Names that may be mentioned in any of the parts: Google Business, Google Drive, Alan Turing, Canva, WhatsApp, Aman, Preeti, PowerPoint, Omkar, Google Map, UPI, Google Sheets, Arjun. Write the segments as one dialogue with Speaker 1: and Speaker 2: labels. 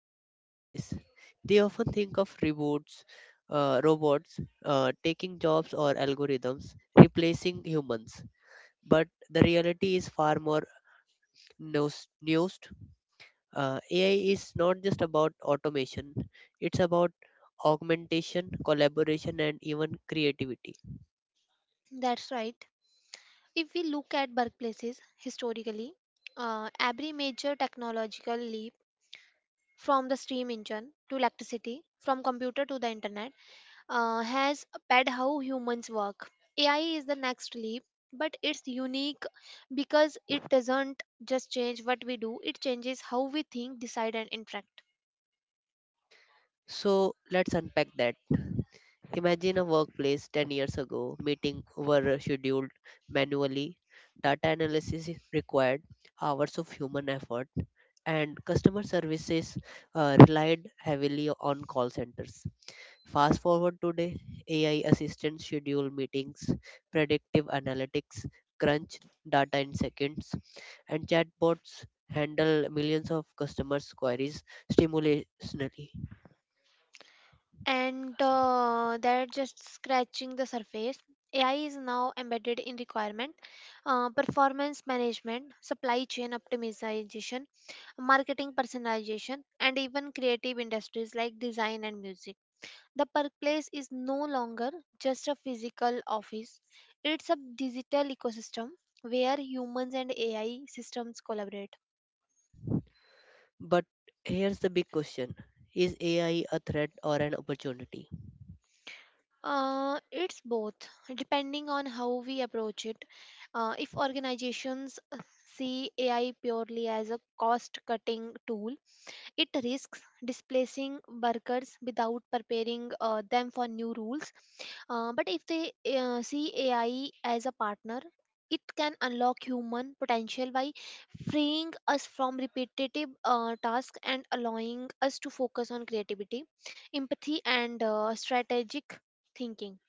Speaker 1: in the workplace, they often think of robots, taking jobs or algorithms replacing humans. But the reality is far more nuanced. AI is not just about automation; it's about augmentation, collaboration, and even creativity.
Speaker 2: That's right. If we look at workplaces historically, every major technological leap from the steam engine to electricity, from computer to the internet, has pad how humans work. AI is the next leap, but it's unique because it doesn't just change what we do; it changes how we think, decide, and interact.
Speaker 1: So let's unpack that. Imagine a workplace 10 years ago, meeting were scheduled manually, data analysis is required hours of human effort, and customer services relied heavily on call centers. Fast forward today, AI assistants schedule meetings, predictive analytics, crunch data in seconds, and chatbots handle millions of customers' queries stimulationally.
Speaker 2: And they're just scratching the surface. AI is now embedded in requirement, performance management, supply chain optimization, marketing personalization, and even creative industries like design and music. The workplace is no longer just a physical office, it's a digital ecosystem where humans and AI systems collaborate.
Speaker 1: But here's the big question: is AI a threat or an opportunity?
Speaker 2: It's both, depending on how we approach it. If organizations see AI purely as a cost cutting tool, it risks displacing workers without preparing them for new rules. But if they see AI as a partner, it can unlock human potential by freeing us from repetitive tasks and allowing us to focus on creativity, empathy, and strategic thinking.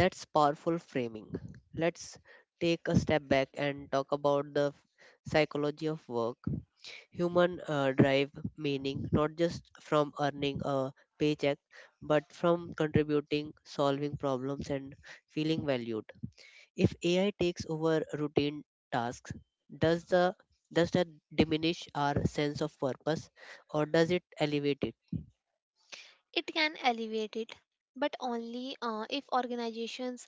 Speaker 1: That's powerful framing. Let's take a step back and talk about the psychology of work. Human drive meaning not just from earning a paycheck but from contributing, solving problems, and feeling valued. If AI takes over routine tasks, does the does that diminish our sense of purpose or does it elevate it?
Speaker 2: It can elevate it, but only if organizations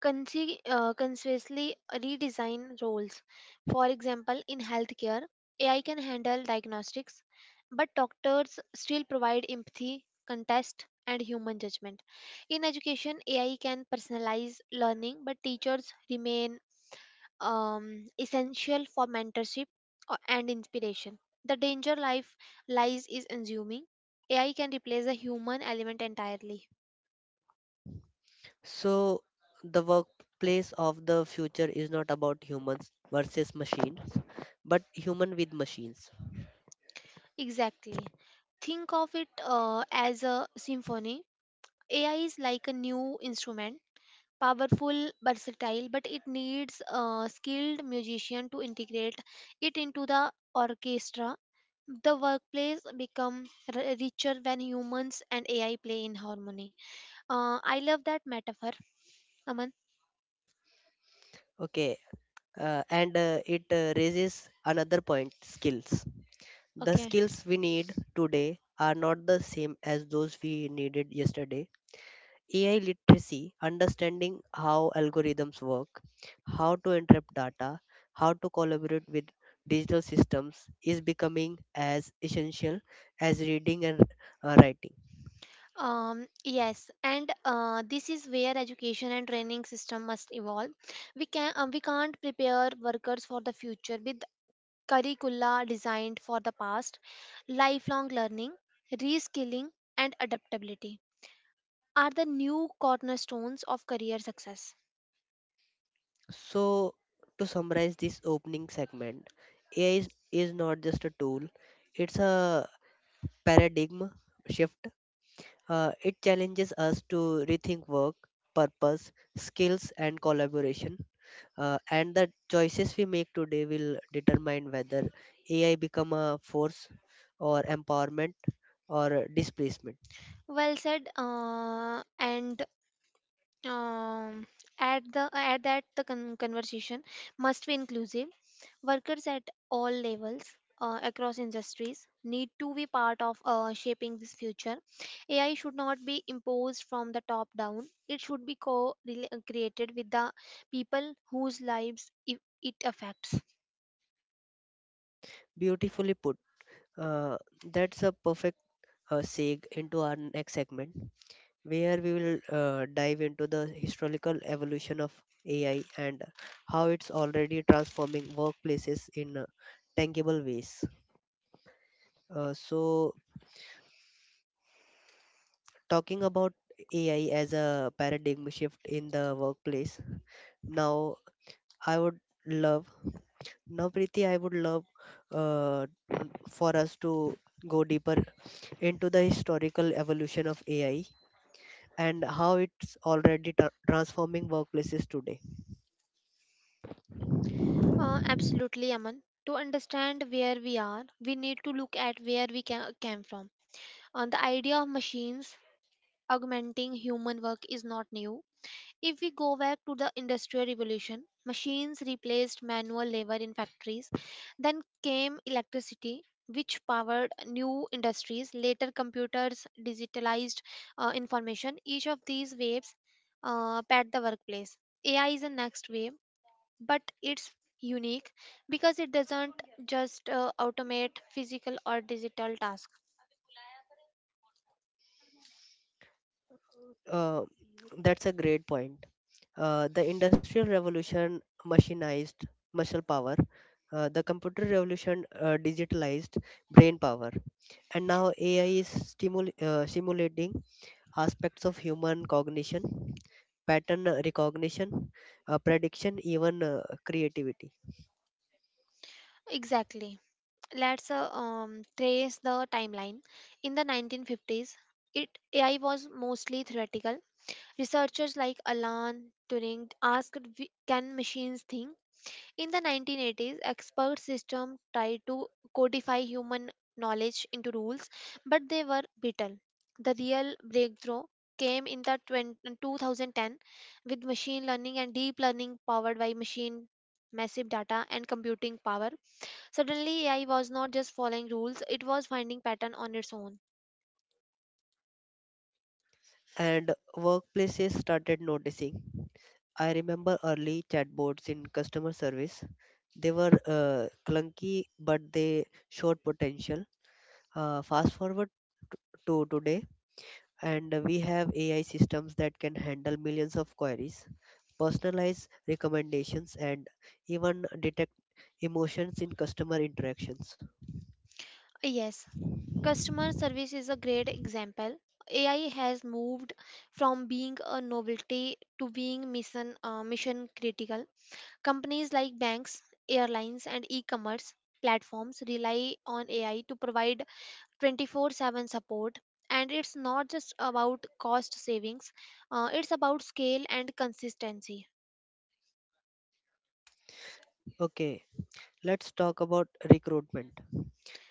Speaker 2: consciously redesign roles. For example, in healthcare, AI can handle diagnostics, but doctors still provide empathy, contest, and human judgment. In education, AI can personalize learning, but teachers remain essential for mentorship and inspiration. The danger life lies is assuming AI can replace the human element entirely.
Speaker 1: So the workplace of the future is not about humans versus machines, but human with machines.
Speaker 2: Exactly. Think of it as a symphony. AI is like a new instrument, powerful, versatile, but it needs a skilled musician to integrate it into the orchestra. The workplace become richer when humans and AI play in harmony. I love that metaphor, Aman.
Speaker 1: Okay, and it raises another point: skills. The
Speaker 2: Okay.
Speaker 1: skills we need today are not the same as those we needed yesterday. AI literacy, understanding how algorithms work, how to interpret data, how to collaborate with digital systems is becoming as essential as reading and writing.
Speaker 2: Yes, and this is where education and training system must evolve. We can't prepare workers for the future with curricula designed for the past. Lifelong learning, reskilling, and adaptability are the new cornerstones of career success.
Speaker 1: So, to summarize this opening segment, AI is not just a tool, it's a paradigm shift. It challenges us to rethink work, purpose, skills, and collaboration. And the choices we make today will determine whether AI become a force or empowerment or displacement.
Speaker 2: Well said. And um, at the at that the conversation must be inclusive. Workers at all levels across industries need to be part of shaping this future. AI should not be imposed from the top down. It should be co created with the people whose lives it affects.
Speaker 1: Beautifully put. Uh, that's a perfect segue into our next segment where we will dive into the historical evolution of AI and how it's already transforming workplaces in tangible ways. Uh, so, talking about AI as a paradigm shift in the workplace, now I would love, now Preeti, I would love uh, for us to go deeper into the historical evolution of AI and how it's already transforming workplaces today.
Speaker 2: Absolutely, Aman. To understand where we are, we need to look at where we came from. On the idea of machines augmenting human work is not new. If we go back to the Industrial Revolution, machines replaced manual labor in factories. Then came electricity, which powered new industries. Later, computers digitalized information. Each of these waves pad the workplace. AI is the next wave, but it's unique because it doesn't just automate physical or digital tasks.
Speaker 1: Uh, that's a great point. The Industrial Revolution machinized muscle power, the Computer Revolution digitalized brain power, and now AI is simulating aspects of human cognition, pattern recognition, prediction, even creativity.
Speaker 2: Exactly. Let's trace the timeline. In the 1950s, it AI was mostly theoretical. Researchers like Alan Turing asked, "Can machines think?" In the 1980s, expert systems tried to codify human knowledge into rules, but they were brittle. The real breakthrough came in the 2010 with machine learning and deep learning powered by machine massive data and computing power. Suddenly, AI was not just following rules, it was finding pattern on its own.
Speaker 1: And workplaces started noticing. I remember early chatbots in customer service. They were clunky, but they showed potential. Fast forward to today, and we have AI systems that can handle millions of queries, personalize recommendations, and even detect emotions in customer interactions.
Speaker 2: Yes, customer service is a great example. AI has moved from being a novelty to being mission critical. Companies like banks, airlines and e-commerce platforms rely on AI to provide 24/7 support, and it's not just about cost savings, it's about scale and consistency.
Speaker 1: Okay, let's talk about recruitment.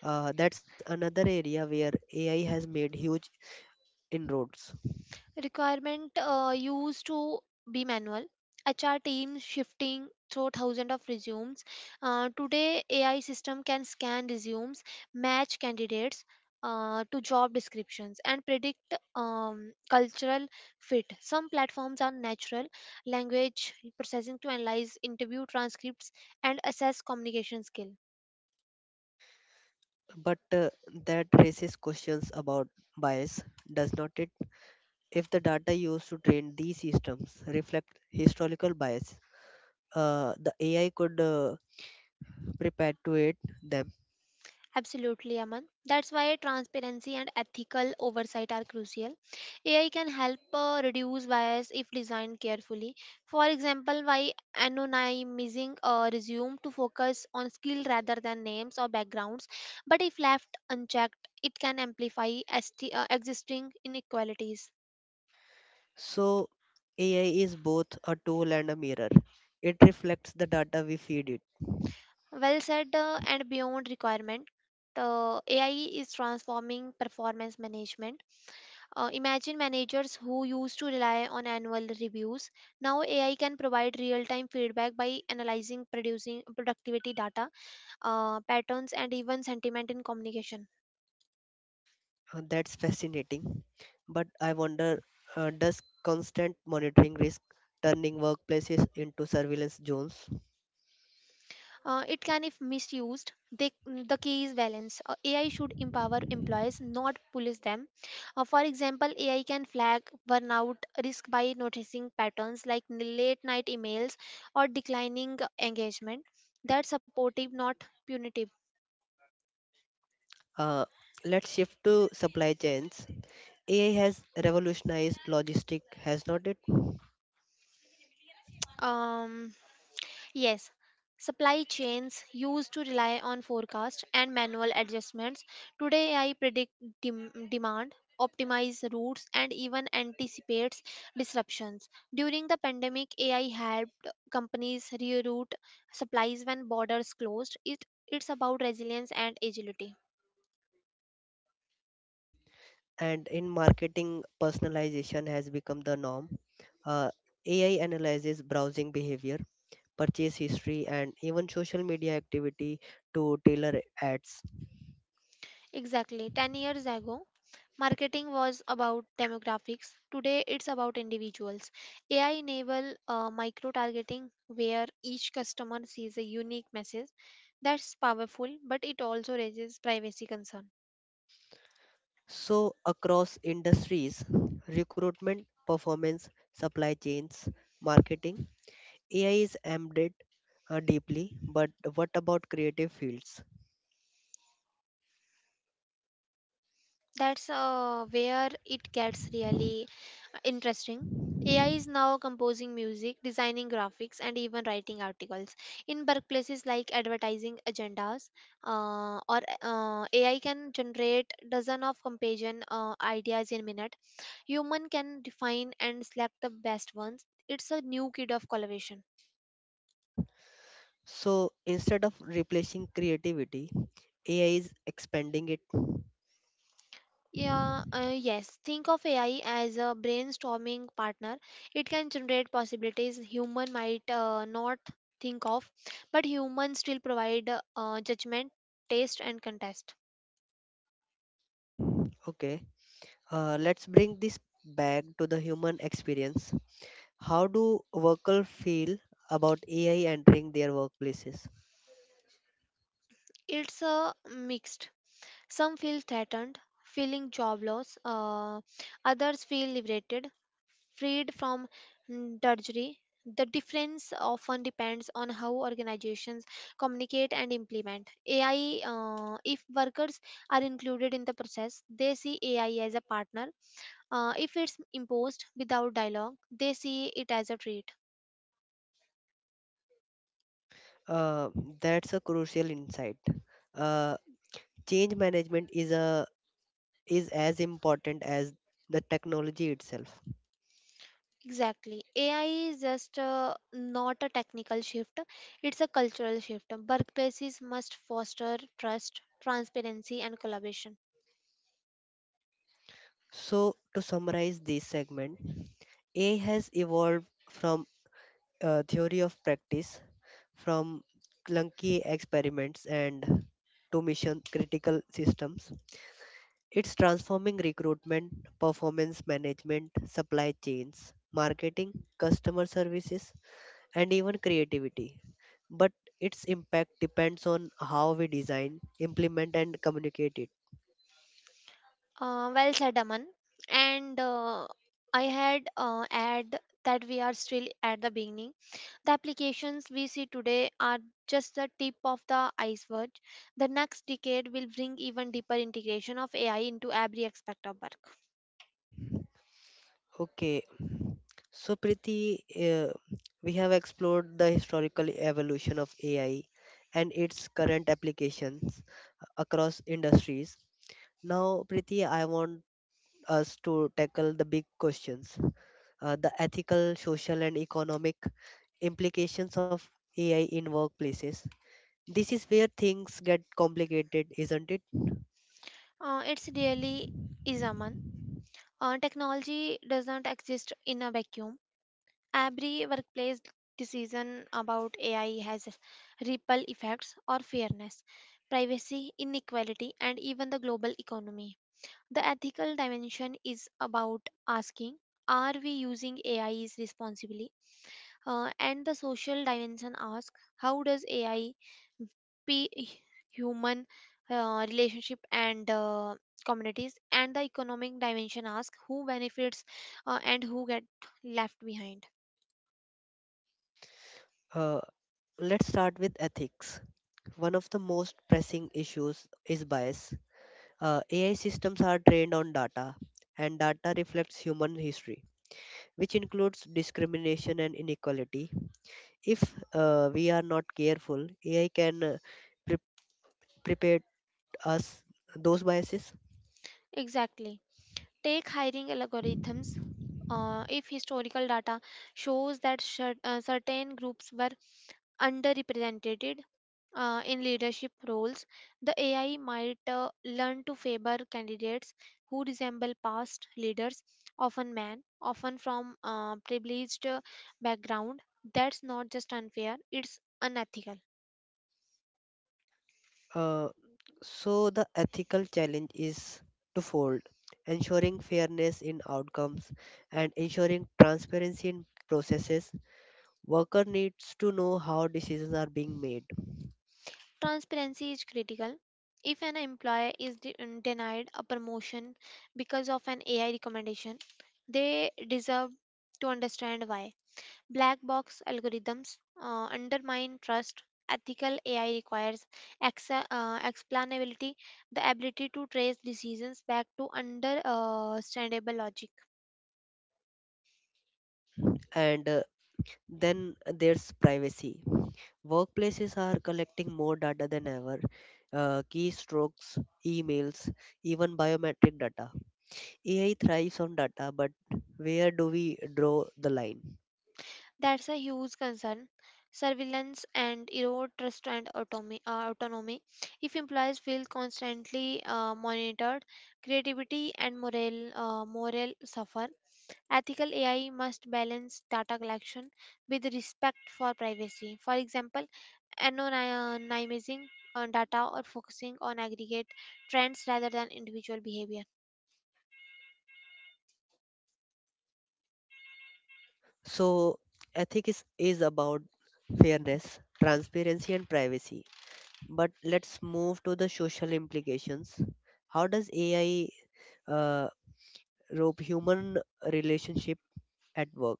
Speaker 1: That's another area where AI has made huge inroads.
Speaker 2: Requirement used to be manual. HR teams shifting through thousands of resumes. Today, AI system can scan resumes, match candidates to job descriptions, and predict cultural fit. Some platforms are natural language processing to analyze interview transcripts and assess communication skill.
Speaker 1: But that raises questions about bias, does not it? If the data used to train these systems reflect historical bias, the AI could perpetuate them.
Speaker 2: Absolutely, Aman. That's why transparency and ethical oversight are crucial. AI can help reduce bias if designed carefully. For example, by anonymizing a resume to focus on skill rather than names or backgrounds, but if left unchecked, it can amplify existing inequalities.
Speaker 1: So, AI is both a tool and a mirror. It reflects the data we feed it.
Speaker 2: Well said, and beyond requirement, AI is transforming performance management. Imagine managers who used to rely on annual reviews. Now AI can provide real-time feedback by analyzing, producing productivity data, patterns, and even sentiment in communication.
Speaker 1: That's fascinating. But I wonder, does constant monitoring risk turning workplaces into surveillance zones?
Speaker 2: It can, if misused. The key is balance. AI should empower employees, not police them. For example, AI can flag burnout risk by noticing patterns like late-night emails or declining engagement. That's supportive, not punitive.
Speaker 1: Uh, let's shift to supply chains. AI has revolutionized logistic, has not it?
Speaker 2: Um, Yes, supply chains used to rely on forecast and manual adjustments. Today, AI predict demand, optimize routes, and even anticipates disruptions. During the pandemic, AI helped companies reroute supplies when borders closed. It's about resilience and agility.
Speaker 1: And in marketing, personalization has become the norm. Uh, AI analyzes browsing behavior, purchase history, and even social media activity to tailor ads.
Speaker 2: Exactly. 10 years ago, marketing was about demographics. Today, it's about individuals. AI enable micro targeting where each customer sees a unique message. That's powerful, but it also raises privacy concern.
Speaker 1: So, across industries, recruitment, performance, supply chains, marketing, AI is embedded deeply. But what about creative fields?
Speaker 2: That's where it gets really interesting. AI is now composing music, designing graphics, and even writing articles. In workplaces like advertising agendas, or AI can generate dozen of companion ideas in minute. Human can define and select the best ones. It's a new kid of collaboration.
Speaker 1: So instead of replacing creativity, AI is expanding it.
Speaker 2: Yeah, yes. Think of AI as a brainstorming partner. It can generate possibilities human might not think of, but humans still provide judgment, taste, and contest.
Speaker 1: Okay, let's bring this back to the human experience. How do workers feel about AI entering their workplaces?
Speaker 2: It's a mixed. Some feel threatened, feeling job loss. Others feel liberated, freed from drudgery. The difference often depends on how organizations communicate and implement AI. If workers are included in the process, they see AI as a partner. If it's imposed without dialogue, they see it as a threat.
Speaker 1: Uh, that's a crucial insight. Uh, Change management is a is as important as the technology itself.
Speaker 2: Exactly. AI is just not a technical shift, it's a cultural shift. Workplaces must foster trust, transparency, and collaboration.
Speaker 1: So to summarize this segment, AI has evolved from a theory of practice. From clunky experiments and to mission critical systems, it's transforming recruitment, performance management, supply chains, marketing, customer services, and even creativity. But its impact depends on how we design, implement, and communicate it.
Speaker 2: Well said, Aman. And I had add that we are still at the beginning. The applications we see today are just the tip of the iceberg. The next decade will bring even deeper integration of AI into every aspect of work.
Speaker 1: Okay, so Priti, we have explored the historical evolution of AI and its current applications across industries. Now, Preeti, I want us to tackle the big questions, the ethical, social, and economic implications of AI in workplaces. This is where things get complicated, isn't it?
Speaker 2: It's really is, Aman. Technology does not exist in a vacuum. Every workplace decision about AI has ripple effects or fairness, privacy, inequality, and even the global economy. The ethical dimension is about asking, are we using AIs responsibly? And the social dimension asks, how does AI p- human relationship and communities, and the economic dimension ask who benefits and who get left behind.
Speaker 1: Uh, let's start with ethics. One of the most pressing issues is bias. AI systems are trained on data, and data reflects human history, which includes discrimination and inequality. If we are not careful, AI can uh, prepared us those biases.
Speaker 2: Exactly. Take hiring algorithms. If historical data shows that certain groups were underrepresented in leadership roles, the AI might learn to favor candidates who resemble past leaders, often men, often from privileged background. That's not just unfair; it's unethical.
Speaker 1: Uh, so the ethical challenge is twofold: ensuring fairness in outcomes and ensuring transparency in processes. Worker needs to know how decisions are being made,
Speaker 2: Transparency is critical. If an employer is denied a promotion because of an AI recommendation, they deserve to understand why. Black box algorithms undermine trust. Ethical AI requires explainability, the ability to trace decisions back to understandable logic.
Speaker 1: and then there's privacy. Workplaces are collecting more data than ever. Keystrokes, emails, even biometric data. AI thrives on data, but where do we draw the line?
Speaker 2: That's a huge concern. Surveillance and erode trust and autonomy. If employees feel constantly monitored, creativity and morale suffer. Ethical AI must balance data collection with respect for privacy. For example, anonymizing on data or focusing on aggregate trends rather than individual behavior.
Speaker 1: So, ethics is about fairness, transparency, and privacy. But let's move to the social implications. How does AI uh, rope human relationship at work?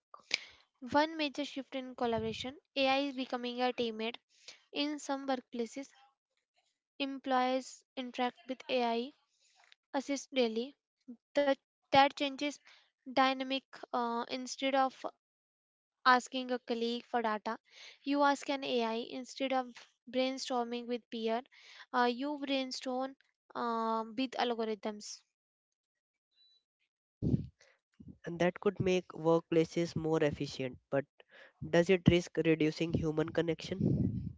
Speaker 2: One major shift in collaboration, AI is becoming a teammate. In some workplaces, employees interact with AI assist daily. The, that changes dynamic instead of asking a colleague for data. You ask an AI instead of brainstorming with peer. You brainstorm with algorithms.
Speaker 1: And that could make workplaces more efficient, but does it risk reducing human connection?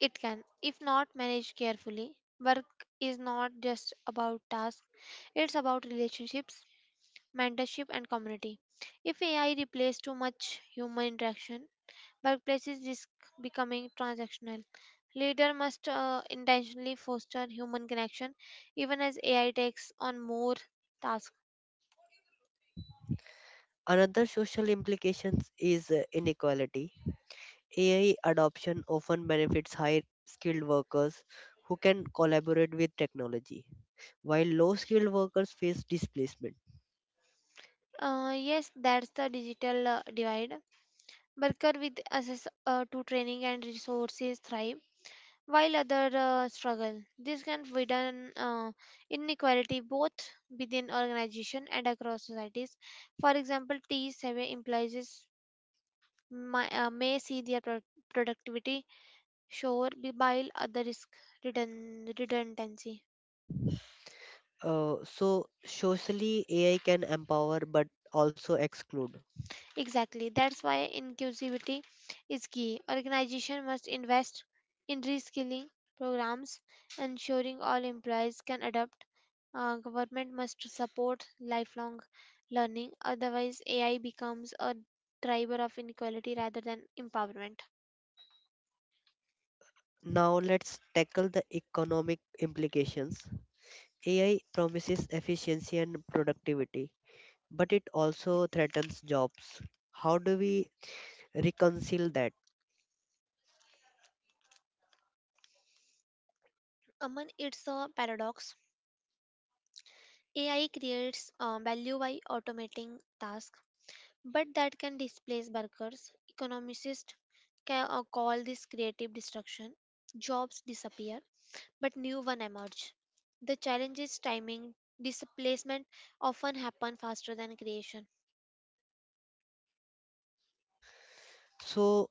Speaker 2: It can, if not managed carefully, work is not just about tasks. It's about relationships, mentorship, and community. If AI replaces too much human interaction, workplaces risk becoming transactional. Leader must intentionally foster human connection, even as AI takes on more tasks.
Speaker 1: Another social implications is inequality. AI adoption often benefits high skilled workers who can collaborate with technology while low skilled workers face displacement.
Speaker 2: Yes, that's the digital divide. Worker with access to training and resources thrive, while other struggle. This can widen inequality both within organization and across societies. For example, T7 employees may see their productivity soar while others risk redundancy.
Speaker 1: Socially, AI can empower but also exclude.
Speaker 2: Exactly. That's why inclusivity is key. Organization must invest in reskilling programs, ensuring all employees can adapt. Government must support lifelong learning. Otherwise, AI becomes a driver of inequality rather than empowerment.
Speaker 1: Now, let's tackle the economic implications. AI promises efficiency and productivity, but it also threatens jobs. How do we reconcile that?
Speaker 2: Aman, it's a paradox. AI creates value by automating tasks. But that can displace workers. Economists call this creative destruction. Jobs disappear, but new ones emerge. The challenge is timing. Displacement often happen faster than creation.
Speaker 1: So,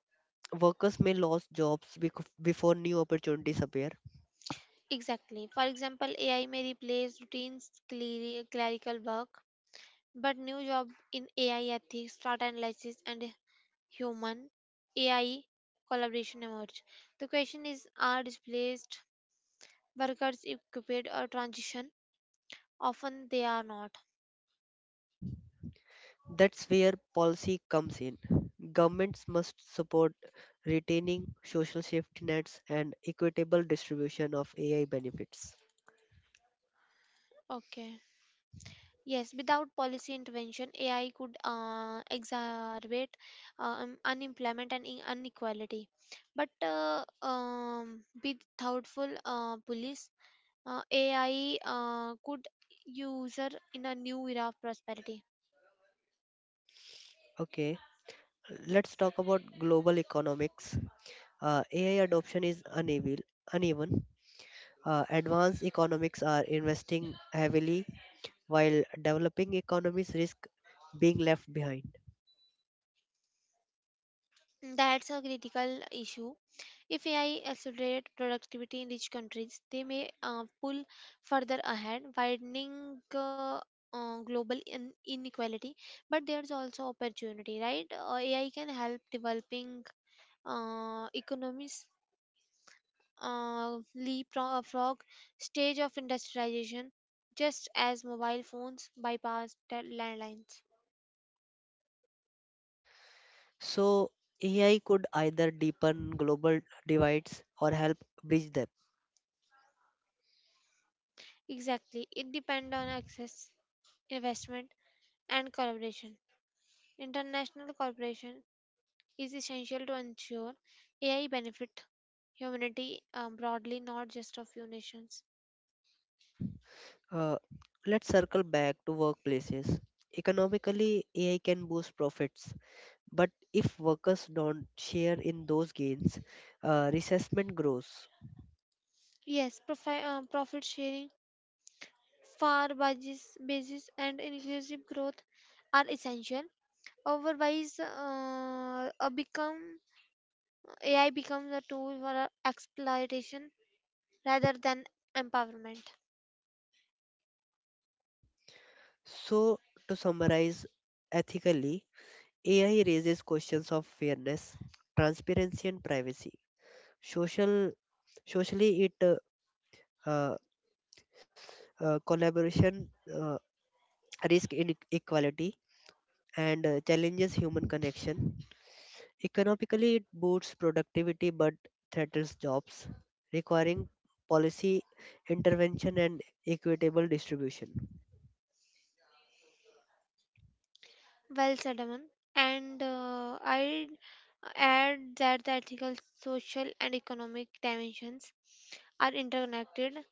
Speaker 1: workers may lose jobs before new opportunities appear.
Speaker 2: Exactly. For example, AI may replace routine clerical work, but new job in AI ethics, data analysis, and human AI collaboration emerge. The question is, are displaced workers equipped or transition. Often they are not.
Speaker 1: That's where policy comes in. Governments must support retaining social safety nets and equitable distribution of AI benefits.
Speaker 2: Okay. Yes, without policy intervention, AI could exacerbate unemployment and inequality. But with thoughtful police, AI could user in a new era of prosperity.
Speaker 1: Okay, let's talk about global economics. AI adoption is uneven. Advanced economics are investing heavily, while developing economies risk being left behind.
Speaker 2: That's a critical issue. If AI accelerate productivity in rich countries, they may pull further ahead, widening global inequality. But there's also opportunity, right? AI can help developing economies leapfrog stage of industrialization, just as mobile phones bypass the landlines.
Speaker 1: So, AI could either deepen global divides or help bridge them.
Speaker 2: Exactly, it depends on access, investment, and collaboration. International cooperation is essential to ensure AI benefit humanity broadly, not just a few nations.
Speaker 1: Uh, let's circle back to workplaces. Economically, AI can boost profits, but if workers don't share in those gains, resentment grows.
Speaker 2: Yes, profit sharing, fair wages, basis, and inclusive growth are essential. Otherwise, a become AI becomes a tool for exploitation rather than empowerment.
Speaker 1: So, to summarize, ethically, AI raises questions of fairness, transparency, and privacy. Social, Socially, it uh, collaboration, risk inequality, and challenges human connection. Economically, it boosts productivity but threatens jobs, requiring policy intervention and equitable distribution.
Speaker 2: Well said, Aman. And I add that the ethical, social, and economic dimensions are interconnected.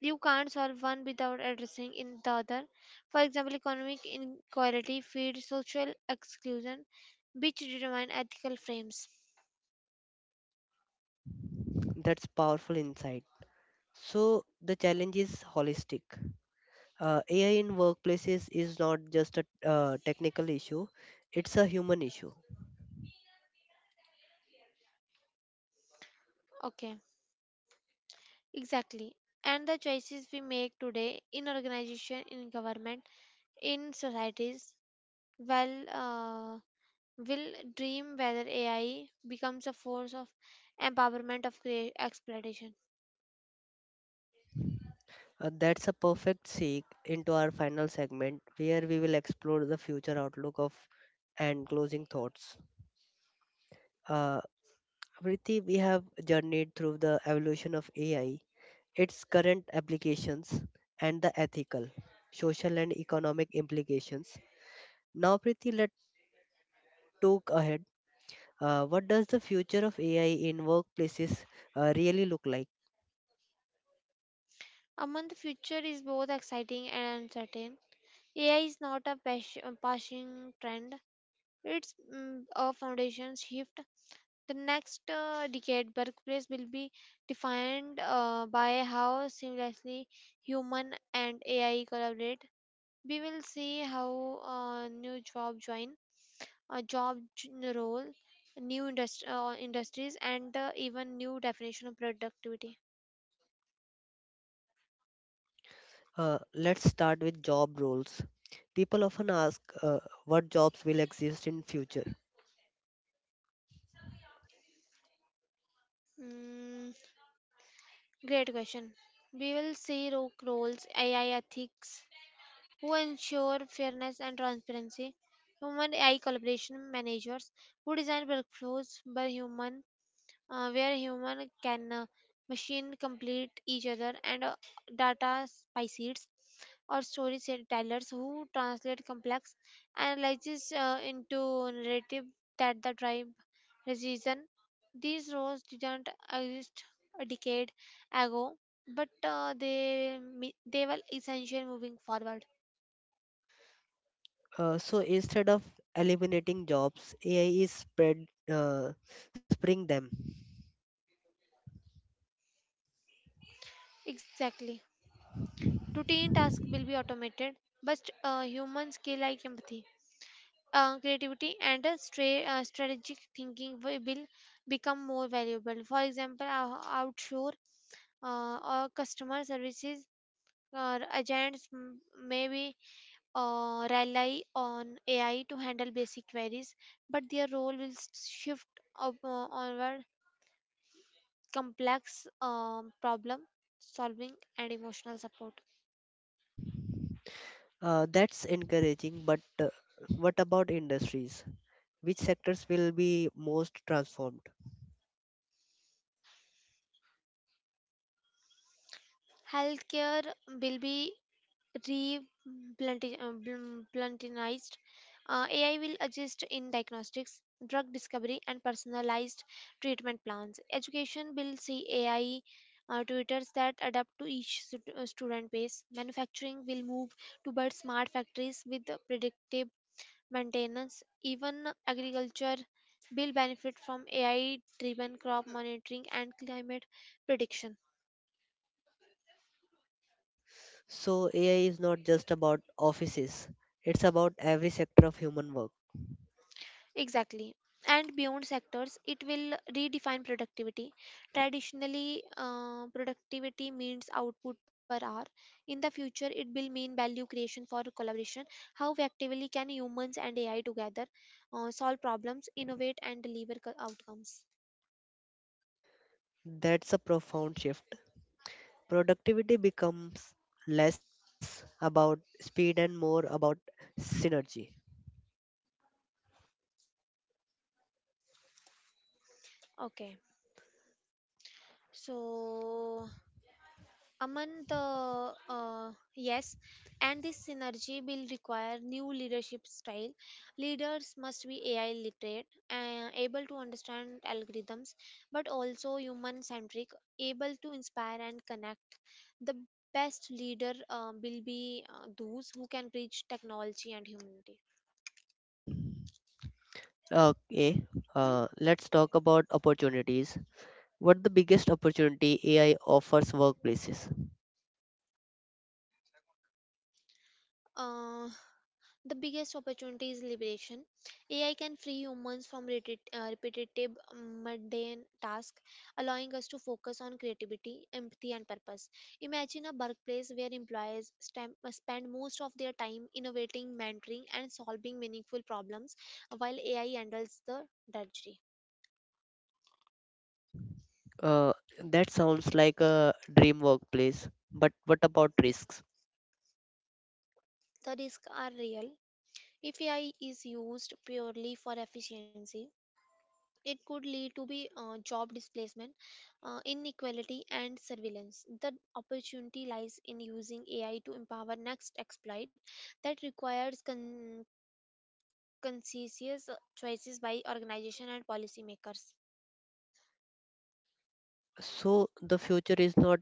Speaker 2: You can't solve one without addressing in the other. For example, economic inequality feeds social exclusion, which determine ethical frames.
Speaker 1: That's powerful insight. So, the challenge is holistic. AI in workplaces is not just a technical issue, it's a human issue.
Speaker 2: Okay, exactly. And the choices we make today in organization, in government, in societies, well, uh, will dream whether AI becomes a force of empowerment of exploitation.
Speaker 1: That's a perfect segue into our final segment where we will explore the future outlook of and closing thoughts. Uh, Vritti, we have journeyed through the evolution of AI, its current applications, and the ethical, social, and economic implications. Now, Priti, let's talk ahead. What does the future of AI in workplaces really look like?
Speaker 2: Among the future is both exciting and uncertain. AI is not a passing trend, it's a foundation shift. The next decade, workplace will be defined by how seamlessly human and AI collaborate. We will see how new job join, a role, new industries, and even new definition of productivity.
Speaker 1: Let's start with job roles. People often ask what jobs will exist in future.
Speaker 2: Mm, Great question. We will see roles, AI ethics, who ensure fairness and transparency. Human AI collaboration managers who design workflows by human, where human can machine complete each other, and data spiciers or story tellers who translate complex analysis into narrative that the tribe reason. These roles didn't exist a decade ago, but they were essential moving forward.
Speaker 1: So instead of eliminating jobs, AI is spread uh, spreading them.
Speaker 2: Exactly. Routine tasks will be automated, but human skill like empathy, creativity, and strategic thinking will become more valuable. For example, outshore or customer services or may rely on AI to handle basic queries, but their role will shift up, onward complex problem solving and emotional support.
Speaker 1: That's encouraging, but what about industries? Which sectors will be most transformed?
Speaker 2: Healthcare will be re bluntinized. AI will assist in diagnostics, drug discovery, and personalized treatment plans. Education will see AI tutors that adapt to each student base. Manufacturing will move towards smart factories with predictive maintenance. Even agriculture will benefit from AI driven crop monitoring and climate prediction.
Speaker 1: So, AI is not just about offices, it's about every sector of human work.
Speaker 2: Exactly. And beyond sectors, it will redefine productivity. Traditionally, productivity means output per hour. In the future, it will mean value creation for collaboration. How effectively can humans and AI together solve problems, innovate, and deliver outcomes?
Speaker 1: That's a profound shift. Productivity becomes less about speed and more about synergy.
Speaker 2: Okay. So, Among the yes, and this synergy will require new leadership style. Leaders must be AI literate, able to understand algorithms, but also human centric, able to inspire and connect. The best leader will be those who can bridge technology and humanity.
Speaker 1: Okay,
Speaker 2: Hmm,
Speaker 1: let's talk about opportunities. What the biggest opportunity AI offers workplaces?
Speaker 2: uh, The biggest opportunity is liberation. AI can free humans from repetitive, mundane tasks, allowing us to focus on creativity, empathy, and purpose. Imagine a workplace where employees spend most of their time innovating, mentoring, and solving meaningful problems, while AI handles the drudgery.
Speaker 1: Uh, that sounds like a dream workplace, but what about risks?
Speaker 2: The risks are real. If AI is used purely for efficiency, it could lead to be job displacement, inequality, and surveillance. The opportunity lies in using AI to empower next exploit that requires conscious choices by organization and policymakers.
Speaker 1: So the future is not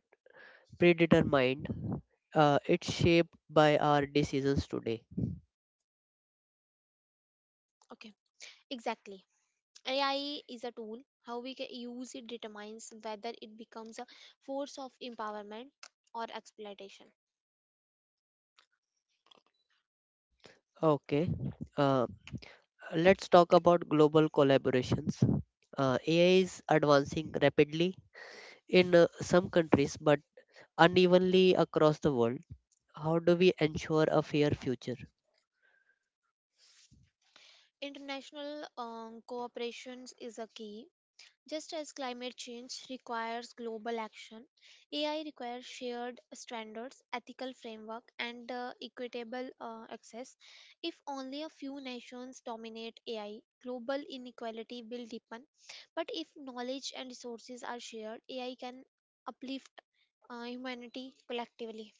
Speaker 1: predetermined. It's shaped by our decisions today.
Speaker 2: Okay, exactly. AI is a tool. How we can use it determines whether it becomes a force of empowerment or exploitation.
Speaker 1: Okay. Uh, let's talk about global collaborations. AI is advancing rapidly in some countries, but unevenly across the world. How do we ensure a fair future?
Speaker 2: International cooperation is a key. Just as climate change requires global action, AI requires shared standards, ethical framework, and equitable access. If only a few nations dominate AI, global inequality will deepen. But if knowledge and resources are shared, AI can uplift humanity collectively.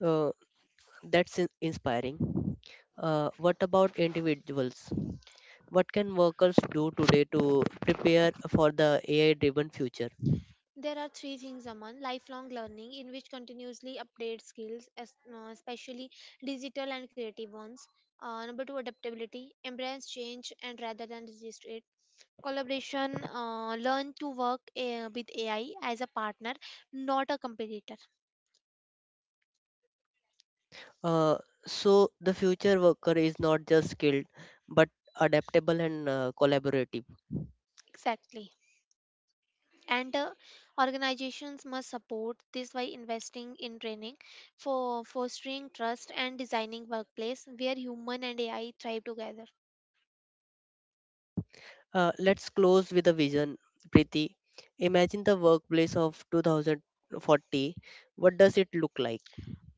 Speaker 1: Uh, that's inspiring. What about individuals? What can workers do today to prepare for the AI driven future?
Speaker 2: There are three things, Aman. Lifelong learning, in which continuously update skills, especially digital and creative ones. Number two, adaptability, embrace change and rather than resist it. Collaboration, learn to work with AI as a partner, not a competitor.
Speaker 1: Uh, the future worker is not just skilled but adaptable and collaborative.
Speaker 2: Exactly. And organizations must support this by investing in training, for fostering trust and designing workplace where human and AI thrive together.
Speaker 1: Let's close with a vision, Preeti. Imagine the workplace of 2040. What does it look like?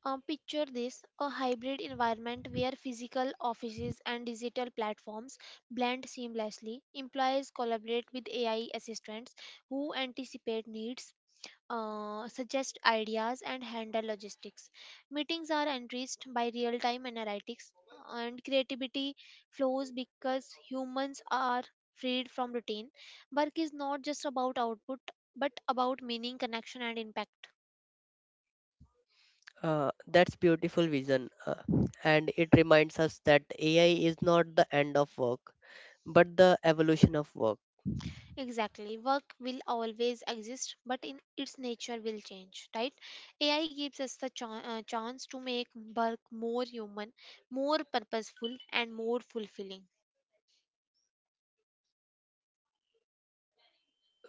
Speaker 2: Picture this, a hybrid environment where physical offices and digital platforms blend seamlessly. Employees collaborate with AI assistants who anticipate needs, suggest ideas, and handle logistics. Meetings are enriched by real time analytics, and creativity flows because humans are freed from routine. Work is not just about output but about meaning, connection, and impact.
Speaker 1: That's beautiful vision, and it reminds us that AI is not the end of work, but the evolution of work.
Speaker 2: Exactly. Work will always exist, but in its nature will change, right? AI gives us the chance to make work more human, more purposeful, and more fulfilling.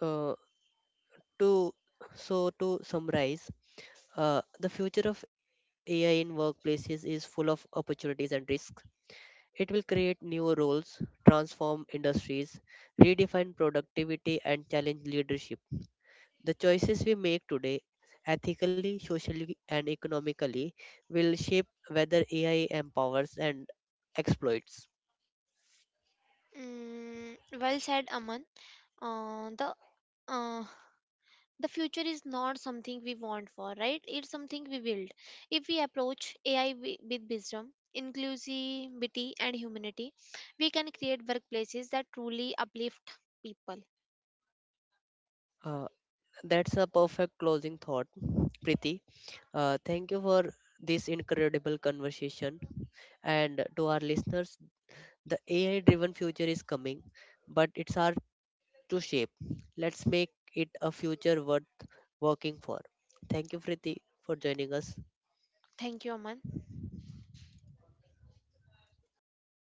Speaker 1: Uh, to so to summarize the future of AI in workplaces is full of opportunities and risks. It will create new roles, transform industries, redefine productivity, and challenge leadership. The choices we make today, ethically, socially, and economically, will shape whether AI empowers and exploits.
Speaker 2: Well said, Aman. Uh, the uh, the future is not something we want for, right? It's something we build. If we approach AI with wisdom, inclusivity, and humanity, we can create workplaces that truly uplift people.
Speaker 1: Uh, that's a perfect closing thought, Priti. Thank you for this incredible conversation. And to our listeners, the AI driven future is coming, but it's hard to shape. Let's make it a future worth working for. Thank you, Priti, for joining us.
Speaker 2: Thank you, Aman.